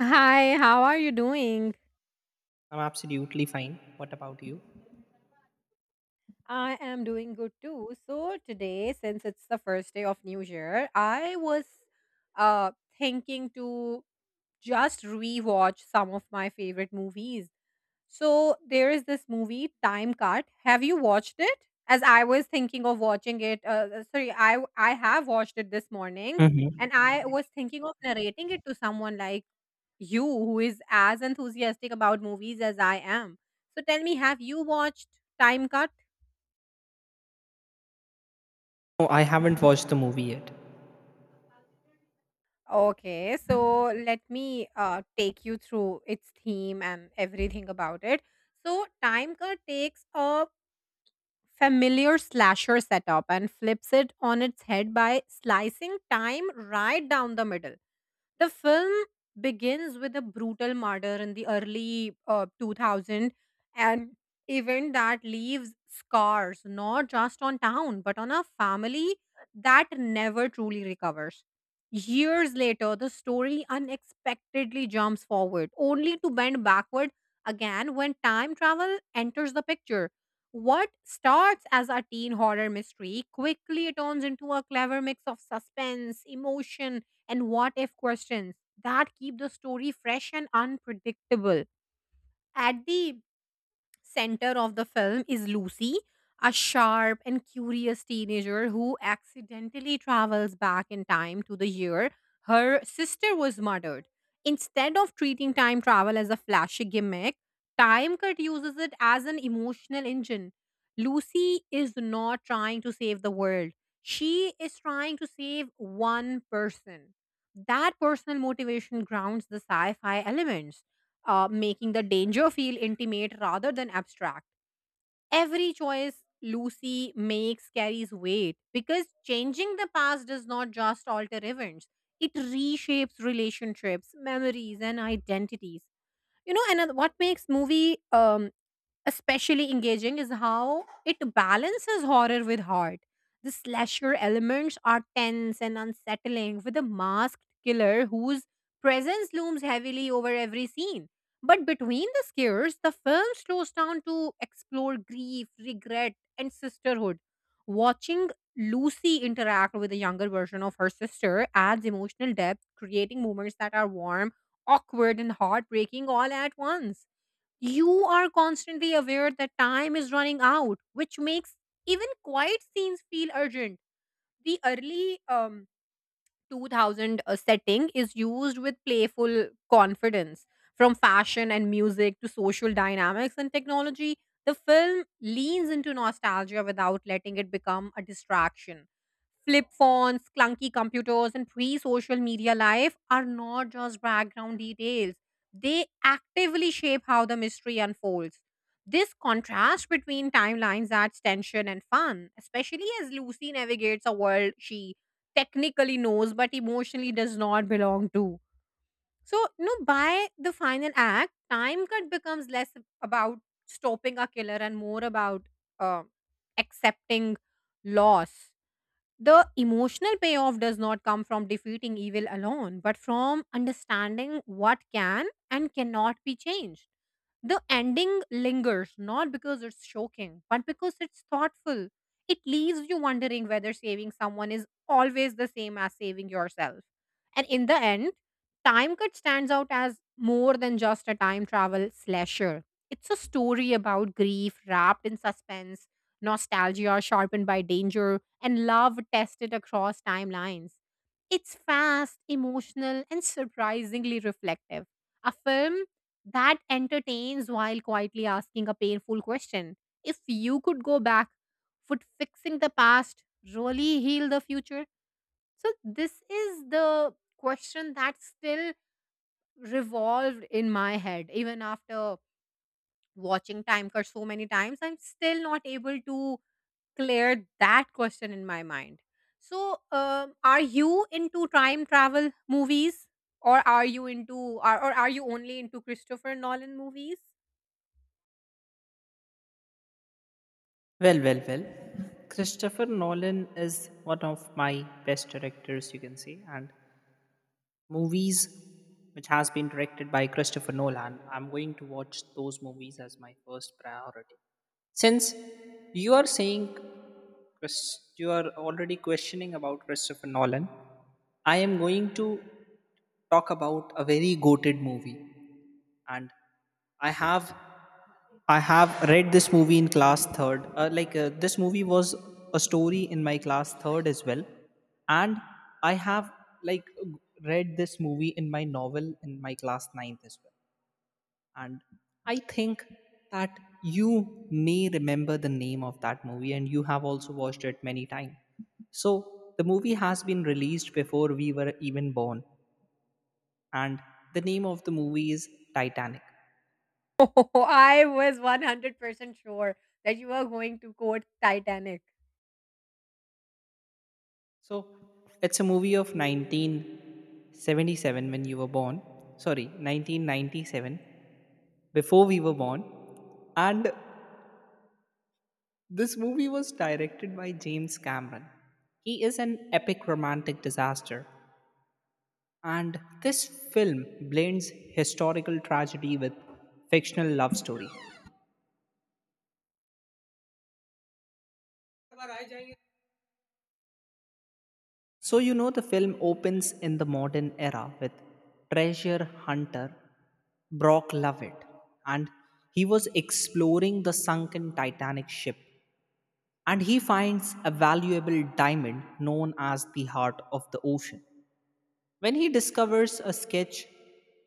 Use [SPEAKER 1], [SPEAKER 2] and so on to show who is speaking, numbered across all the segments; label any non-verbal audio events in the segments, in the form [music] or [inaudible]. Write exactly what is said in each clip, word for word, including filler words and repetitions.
[SPEAKER 1] Hi, how are you doing?
[SPEAKER 2] I'm absolutely fine. What about you?
[SPEAKER 1] I am doing good too. So today, since it's the first day of New Year, I was uh thinking to just rewatch some of my favorite movies. So there is this movie Time Cut. Have you watched it? As I was thinking of watching it, uh, uh, sorry, I I have watched it this morning, and
[SPEAKER 2] Mm-hmm.
[SPEAKER 1] I was thinking of narrating it to someone like you who is as enthusiastic about movies as I am. So tell me, have you watched Time Cut?
[SPEAKER 2] Oh, I haven't watched the movie yet.
[SPEAKER 1] Okay, so let me uh, take you through its theme and everything about it. So, Time Cut takes a familiar slasher setup and flips it on its head by slicing time right down the middle. The film begins with a brutal murder in the early uh, two thousand, an event that leaves scars not just on town but on a family that never truly recovers. Years later, the story unexpectedly jumps forward, only to bend backward again when time travel enters the picture. What starts as a teen horror mystery quickly turns into a clever mix of suspense, emotion, and what if questions that keep the story fresh and unpredictable. At the center of the film is Lucy, a sharp and curious teenager who accidentally travels back in time to the year her sister was murdered. Instead of treating time travel as a flashy gimmick, Time Cut uses it as an emotional engine. Lucy is not trying to save the world. She is trying to save one person. That personal motivation grounds the sci fi elements, uh, making the danger feel intimate rather than abstract. Every choice Lucy makes carries weight because changing the past does not just alter events, it reshapes relationships, memories, and identities. You know, and what makes movie um, especially engaging is how it balances horror with heart. The slasher elements are tense and unsettling, with a masked killer whose presence looms heavily over every scene. But between the scares, the film slows down to explore grief, regret, and sisterhood. Watching Lucy interact with a younger version of her sister adds emotional depth, creating moments that are warm, awkward, and heartbreaking all at once. You are constantly aware that time is running out, which makes even quiet scenes feel urgent. The early um two thousand uh, setting is used with playful confidence, from fashion and music to social dynamics and technology. The film leans into nostalgia without letting it become a distraction. Flip phones, clunky computers, and pre-social media life are not just background details, they actively shape how the mystery unfolds. This contrast between timelines adds tension and fun, especially as Lucy navigates a world she technically knows but emotionally does not belong to. So, you know, by the final act, Time Cut becomes less about stopping a killer and more about, uh, accepting loss. The emotional payoff does not come from defeating evil alone, but from understanding what can and cannot be changed. The ending lingers not because it's shocking, but because it's thoughtful. It leaves you wondering whether saving someone is always the same as saving yourself. And in the end, Time Cut stands out as more than just a time travel slasher. It's a story about grief wrapped in suspense, nostalgia sharpened by danger, and love tested across timelines. It's fast, emotional, and surprisingly reflective. A film that entertains while quietly asking a painful question. If you could go back, would fixing the past really heal the future? So, this is the question that still revolved in my head, even after watching Time Cut so many times. I'm still not able to cleared that question in my mind. So, um, are you into time travel movies, or are you into, or, or are you only into Christopher Nolan movies?
[SPEAKER 2] Well, well, well. Christopher Nolan is one of my best directors, you can say, and movies which has been directed by Christopher Nolan, I'm going to watch those movies as my first priority. Since you are saying Chris- you are already questioning about Christopher Nolan, I am going to talk about a very goated movie, and I have I have read this movie in class third. Uh, like uh, this movie was a story in my class third as well, and I have like read this movie in my novel in my class ninth as well. And I think that you may remember the name of that movie, and you have also watched it many times. So the movie has been released before we were even born, and the name of the movie is Titanic.
[SPEAKER 1] [laughs] Oh, I was one hundred percent sure that you were going to quote Titanic.
[SPEAKER 2] So it's a movie of nineteen seventy-seven, when you were born. Sorry, nineteen ninety-seven, before we were born. And this movie was directed by James Cameron. He is an epic romantic disaster. And this film blends historical tragedy with fictional love story. So, you know, the film opens in the modern era with treasure hunter Brock Lovett, and he was exploring the sunken Titanic ship. And he finds a valuable diamond known as the heart of the ocean. When he discovers a sketch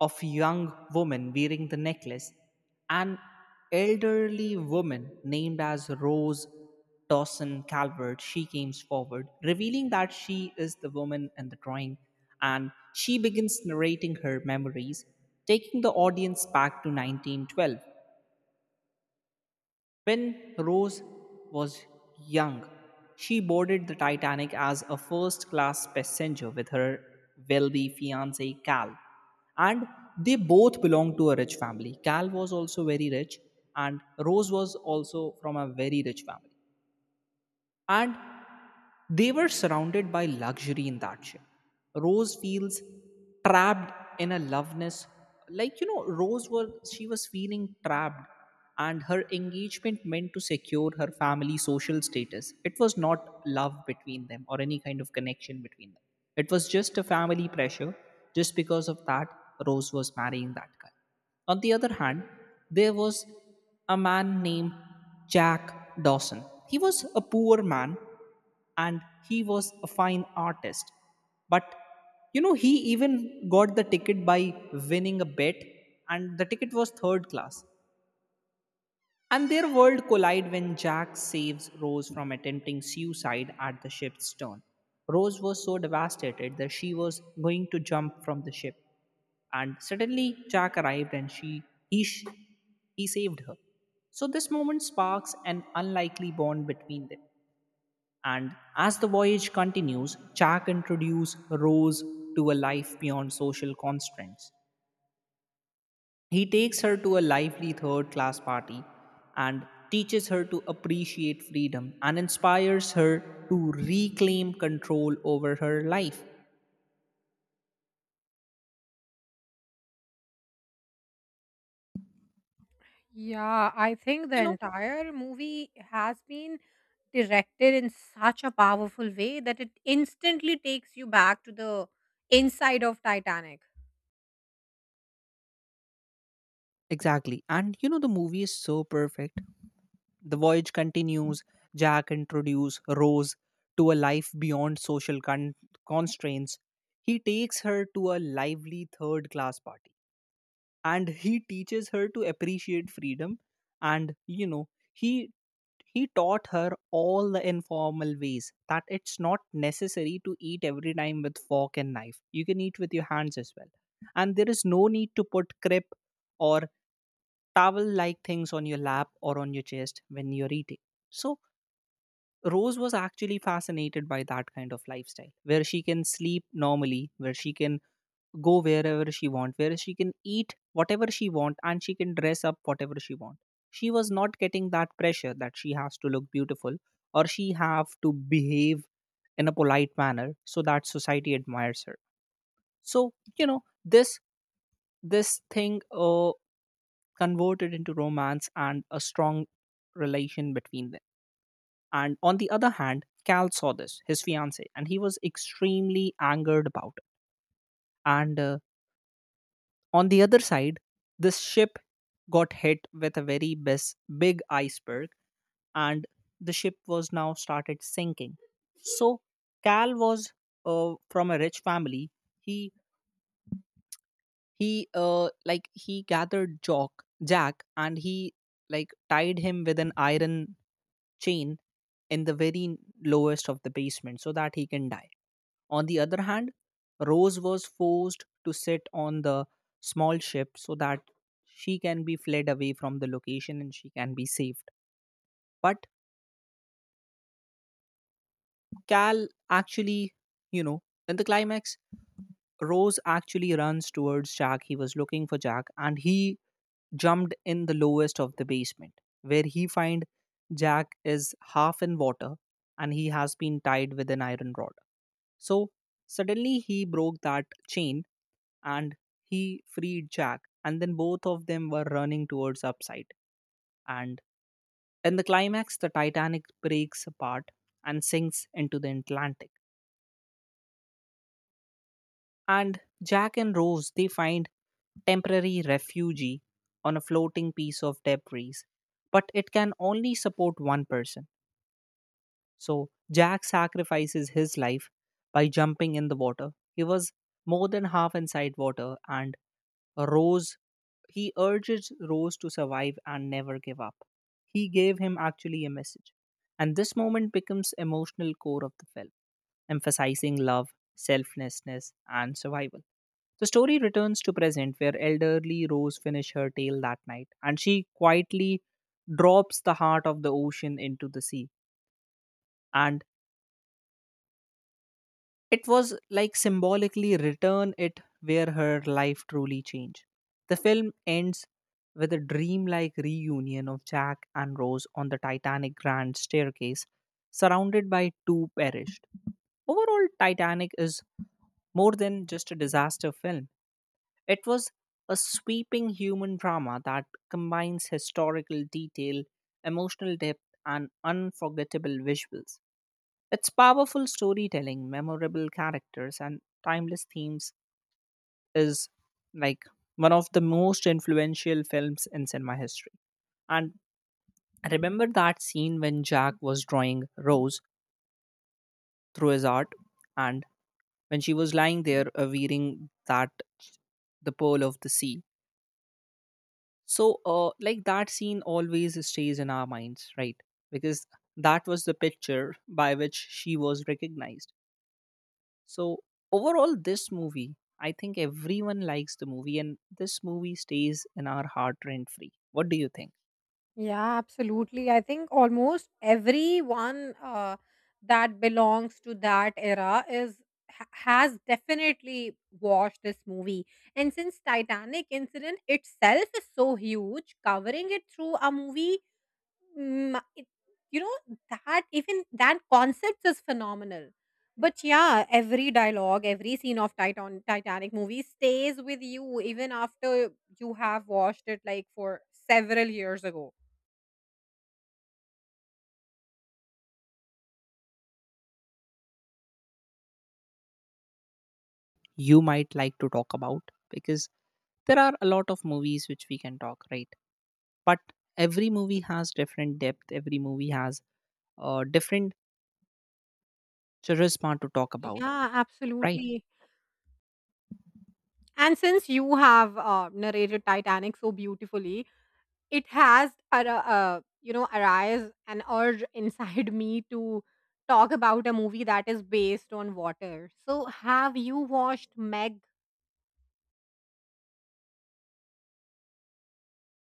[SPEAKER 2] of young woman wearing the necklace, an elderly woman named as Rose Dawson Calvert, she comes forward, revealing that she is the woman in the drawing, and she begins narrating her memories, taking the audience back to nineteen twelve. When Rose was young, she boarded the Titanic as a first class passenger with her wealthy fiance Cal. And they both belonged to a rich family. Cal was also very rich, and Rose was also from a very rich family. And they were surrounded by luxury in that ship. Rose feels trapped in a loveness. Like, you know, Rose was she was feeling trapped, and her engagement meant to secure her family social status. It was not love between them or any kind of connection between them. It was just a family pressure. Just because of that, Rose was marrying that guy. On the other hand, there was a man named Jack Dawson. He was a poor man and he was a fine artist. But you know, he even got the ticket by winning a bet, and the ticket was third class. And their world collide when Jack saves Rose from attempting suicide at the ship's stern. Rose was so devastated that she was going to jump from the ship. And suddenly Jack arrived and she he, sh- he saved her. So this moment sparks an unlikely bond between them. And as the voyage continues, Jack introduces Rose to a life beyond social constraints. He takes her to a lively third class party and teaches her to appreciate freedom and inspires her to reclaim control over her life.
[SPEAKER 1] Yeah, I think the
[SPEAKER 2] You know,
[SPEAKER 1] entire movie has been directed in such a powerful way that it instantly takes you back to the inside of Titanic.
[SPEAKER 2] exactly. And you know, the movie is so perfect. The voyage continues. Jack introduces Rose to a life beyond social con- constraints. He takes her to a lively third class party and he teaches her to appreciate freedom, and you know, he he taught her all the informal ways, that it's not necessary to eat every time with fork and knife, you can eat with your hands as well, and there is no need to put crib or towel like things on your lap or on your chest when you're eating. So Rose was actually fascinated by that kind of lifestyle, where she can sleep normally, where she can go wherever she want, where she can eat whatever she want, and she can dress up whatever she want. She was not getting that pressure that she has to look beautiful or she have to behave in a polite manner so that society admires her. So you know, this this thing uh, converted into romance and a strong relation between them. And on the other hand, Cal saw this his fiance and he was extremely angered about it. And uh, On the other side, this ship got hit with a very bis- big iceberg, and the ship was now started sinking. So Cal was uh, from a rich family. He he uh, like he gathered Jock Jack and he like tied him with an iron chain in the very lowest of the basement so that he can die. On the other hand, Rose was forced to sit on the small ship so that she can be fled away from the location and she can be saved. But Cal actually, you know, in the climax, Rose actually runs towards Jack. He was looking for Jack and he jumped in the lowest of the basement, where he find Jack is half in water and he has been tied with an iron rod. So suddenly he broke that chain and he freed Jack, and then both of them were running towards upside. And in the climax, the Titanic breaks apart and sinks into the Atlantic. And Jack and Rose they find temporary refuge on a floating piece of debris, but it can only support one person. So Jack sacrifices his life by jumping in the water. He was more than half inside water, and Rose he urges Rose to survive and never give up. He gave him actually a message, and this moment becomes emotional core of the film, emphasizing love, selflessness, and survival. The story returns to present where elderly Rose finish her tale that night and she quietly drops the heart of the ocean into the sea. And it was like symbolically return it where her life truly changed. The film ends with a dreamlike reunion of Jack and Rose on the Titanic Grand Staircase, surrounded by two perished. Overall, Titanic is more than just a disaster film. It was a sweeping human drama that combines historical detail, emotional depth, and unforgettable visuals. Its powerful storytelling, memorable characters, and timeless themes is like one of the most influential films in cinema history. And I remember that scene when Jack was drawing Rose through his art, and when she was lying there, uh, wearing that the pearl of the sea. So, uh, like that scene always stays in our minds, right? Because that was the picture by which she was recognized. So, overall, this movie, I think everyone likes the movie, and this movie stays in our heart rent free. What do you think?
[SPEAKER 1] Yeah, absolutely. I think almost everyone, uh, that belongs to that era, is ha- has definitely watched this movie. And since Titanic incident itself is so huge, covering it through a movie, mm, it, you know that even that concept is phenomenal. But yeah, every dialogue, every scene of Titan Titanic movie stays with you even after you have watched it like for several years ago.
[SPEAKER 2] You might like to talk about, because there are a lot of movies which we can talk, right? But every movie has different depth. Every movie has uh, different charisma to talk about,
[SPEAKER 1] Yeah,
[SPEAKER 2] right?
[SPEAKER 1] absolutely. And since you have uh, narrated Titanic so beautifully, it has ar- uh, uh, you know arise an urge [laughs] inside me to talk about a movie that is based on water. So, have you watched Meg?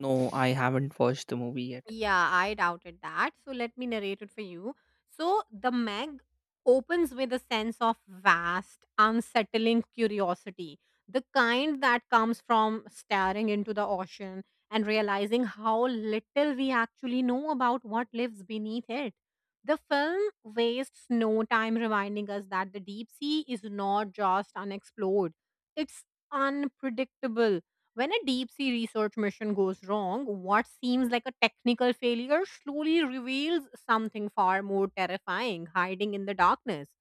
[SPEAKER 2] No, I haven't watched the movie yet.
[SPEAKER 1] Yeah, I doubted that. So let me narrate it for you. So the Meg opens with a sense of vast, unsettling curiosity, the kind that comes from staring into the ocean and realizing how little we actually know about what lives beneath it. The film wastes no time reminding us that the deep sea is not just unexplored, it's unpredictable. When a deep sea research mission goes wrong, what seems like a technical failure slowly reveals something far more terrifying hiding in the darkness.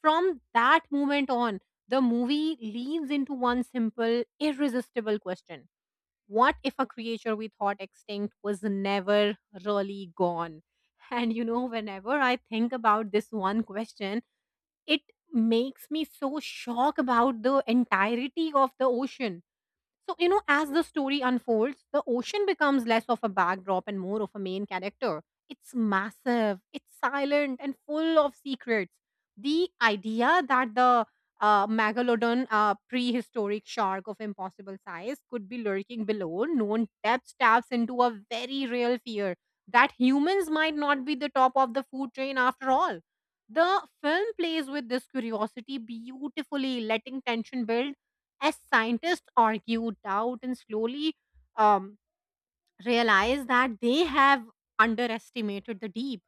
[SPEAKER 1] From that moment on, the movie leans into one simple, irresistible question: What if a creature we thought extinct was never really gone? [laughs] And you know, whenever I think about this one question, it makes me so shocked about the entirety of the ocean. So, you know, as the story unfolds, the ocean becomes less of a backdrop and more of a main character. It's massive, it's silent, and full of secrets. The idea that the, uh, megalodon, uh, prehistoric shark of impossible size, could be lurking below known depths taps into a very real fear that humans might not be the top of the food chain after all. The film plays with this curiosity beautifully, letting tension build as scientists argued, doubt, and slowly, um, realized that they have underestimated the deep.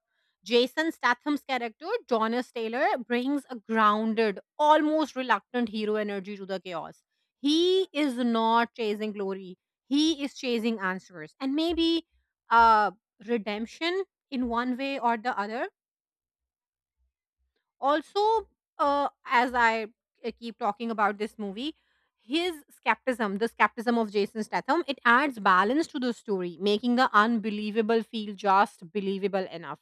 [SPEAKER 1] Jason Statham's character, Jonas Taylor, brings a grounded, almost reluctant hero energy to the chaos. He is not chasing glory, he is chasing answers and maybe, uh, redemption in one way or the other. Also, uh, as I uh, keep talking about this movie, his skepticism, the skepticism of Jason Statham, it adds balance to the story, making the unbelievable feel just believable enough.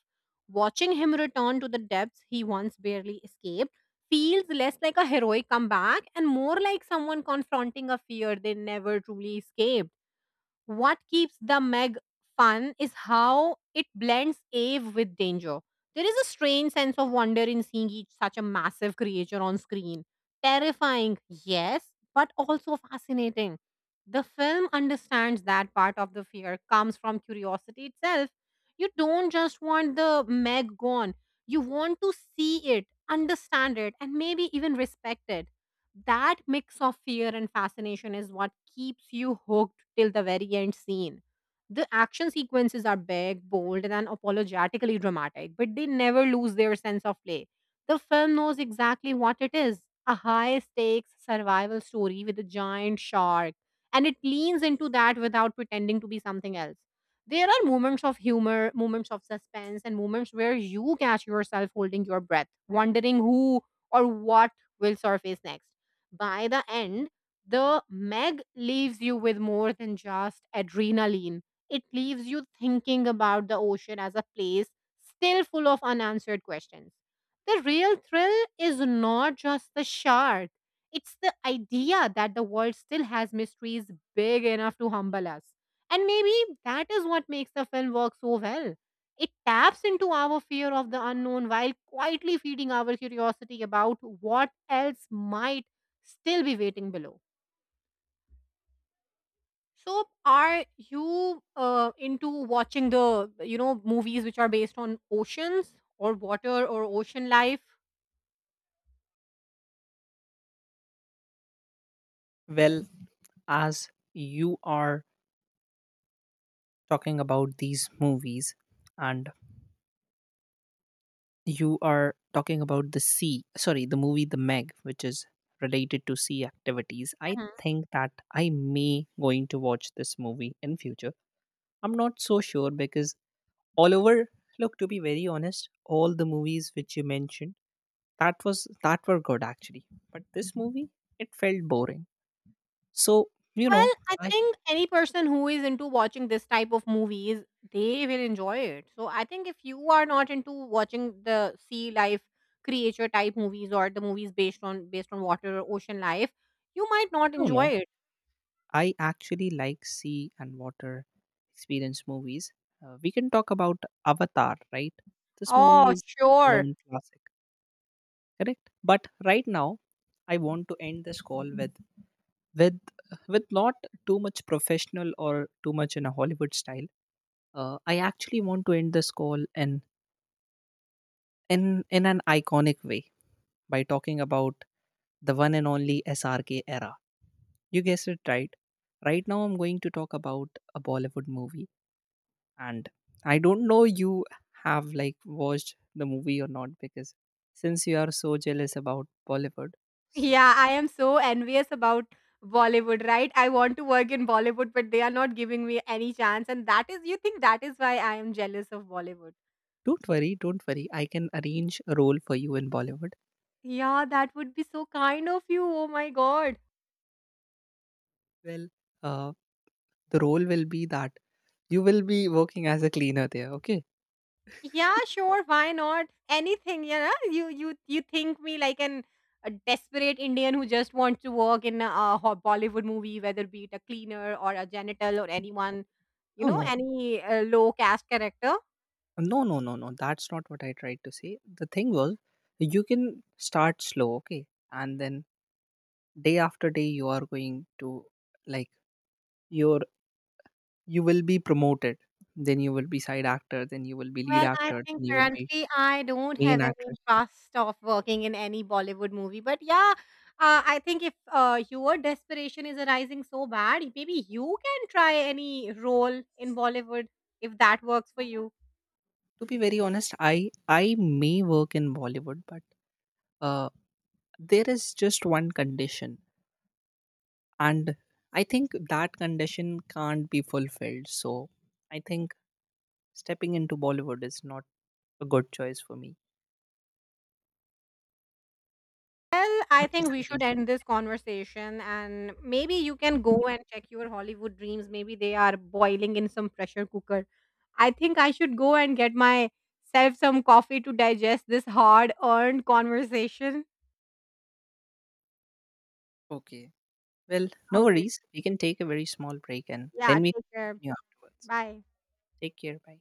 [SPEAKER 1] Watching him return to the depths he once barely escaped feels less like a heroic comeback and more like someone confronting a fear they never truly escaped. What keeps the Meg fun is how it blends awe with danger. There is a strange sense of wonder in seeing each such a massive creature on screen. Terrifying, yes, but also fascinating. The film understands that part of the fear comes from curiosity itself. You don't just want the Meg gone, you want to see it, understand it, and maybe even respect it. That mix of fear and fascination is what keeps you hooked till the very end scene. The action sequences are big, bold, and apologetically dramatic, but they never lose their sense of play. The film knows exactly what it is, a high stakes survival story with a giant shark, and it leans into that without pretending to be something else. There are moments of humor, moments of suspense, and moments where you catch yourself holding your breath, wondering who or what will surface next. By the end, the Meg leaves you with more than just adrenaline. It leaves you thinking about the ocean as a place still full of unanswered questions. The real thrill is not just the shark, it's the idea that the world still has mysteries big enough to humble us. And maybe that is what makes the film work so well. It taps into our fear of the unknown while quietly feeding our curiosity about what else might still be waiting below. So, are you uh, into watching the you know movies which are based on oceans or water or ocean life?
[SPEAKER 2] Well, as you are talking about these movies and you are talking about the sea, sorry, the movie The Meg, which is related to sea activities, I
[SPEAKER 1] Mhm.
[SPEAKER 2] think that I may going to watch this movie in future. I'm not so sure because all over, look, to be very honest, all the movies which you mentioned, that was that were good actually. But this movie, it felt boring. So, you
[SPEAKER 1] Well,
[SPEAKER 2] know,
[SPEAKER 1] I
[SPEAKER 2] I
[SPEAKER 1] think any person who is into watching this type of movies, they will enjoy it. So I think if you are not into watching the sea life creature type movies or the movies based on based on water or ocean life, you might not
[SPEAKER 2] don't
[SPEAKER 1] enjoy
[SPEAKER 2] know.
[SPEAKER 1] it.
[SPEAKER 2] I actually like sea and water experience movies. Uh, we can talk about Avatar, right? This movie
[SPEAKER 1] Oh,
[SPEAKER 2] is a
[SPEAKER 1] sure.
[SPEAKER 2] lone classic, correct? But right now, I want to end this call with with with not too much professional or too much in a Hollywood style. Uh, I actually want to end this call in in in an iconic way by talking about the one and only S R K era. You guessed it right. Right now, I'm going to talk about a Bollywood movie, and I don't know you have like watched the movie or not, because since you are so jealous about Bollywood, so
[SPEAKER 1] Yeah, I am so envious about Bollywood, right? I want to work in Bollywood, but they are not giving me any chance. And that is, you think that is why I am jealous of Bollywood.
[SPEAKER 2] don't worry, don't worry. I can arrange a role for you in Bollywood.
[SPEAKER 1] Yeah, that would be so kind of you. Oh my God.
[SPEAKER 2] Well, uh, the role will be that you will be working as a cleaner there. Okay?
[SPEAKER 1] Yeah, sure, why not? Anything, you know. You you you think me like an a desperate Indian who just wants to work in a ho- Bollywood movie, whether be it a cleaner or a genital or anyone, you
[SPEAKER 2] No,
[SPEAKER 1] know,
[SPEAKER 2] no,
[SPEAKER 1] any uh, low caste character.
[SPEAKER 2] no, no, no, no. That's not what I tried to say. The thing was, you can start slow, okay, and then day after day you are going to like your you will be promoted, then you will be side actor, then you will be lead
[SPEAKER 1] Well, I
[SPEAKER 2] actor,
[SPEAKER 1] think
[SPEAKER 2] then you will be
[SPEAKER 1] currently I don't
[SPEAKER 2] main
[SPEAKER 1] have any
[SPEAKER 2] actress.
[SPEAKER 1] trust of working in any Bollywood movie. But yeah, uh, I think if, uh, your desperation is arising so bad, maybe you can try any role in Bollywood if that works for you.
[SPEAKER 2] To be very honest, i i may work in Bollywood, but uh, there is just one condition, and I think that condition can't be fulfilled. So I think stepping into Bollywood is not a good choice for me.
[SPEAKER 1] Well, I
[SPEAKER 2] That is
[SPEAKER 1] think
[SPEAKER 2] the
[SPEAKER 1] we
[SPEAKER 2] reason.
[SPEAKER 1] should end this conversation and maybe you can go and check your Hollywood dreams. Maybe they are boiling in some pressure cooker. I think I should go and get myself some coffee to digest this hard earned conversation. [laughs]
[SPEAKER 2] Okay, well, no
[SPEAKER 1] Okay.
[SPEAKER 2] worries, we can take a very small break and
[SPEAKER 1] Yeah,
[SPEAKER 2] then we
[SPEAKER 1] take
[SPEAKER 2] can
[SPEAKER 1] care.
[SPEAKER 2] continue afterwards.
[SPEAKER 1] Bye.
[SPEAKER 2] Take care. Bye.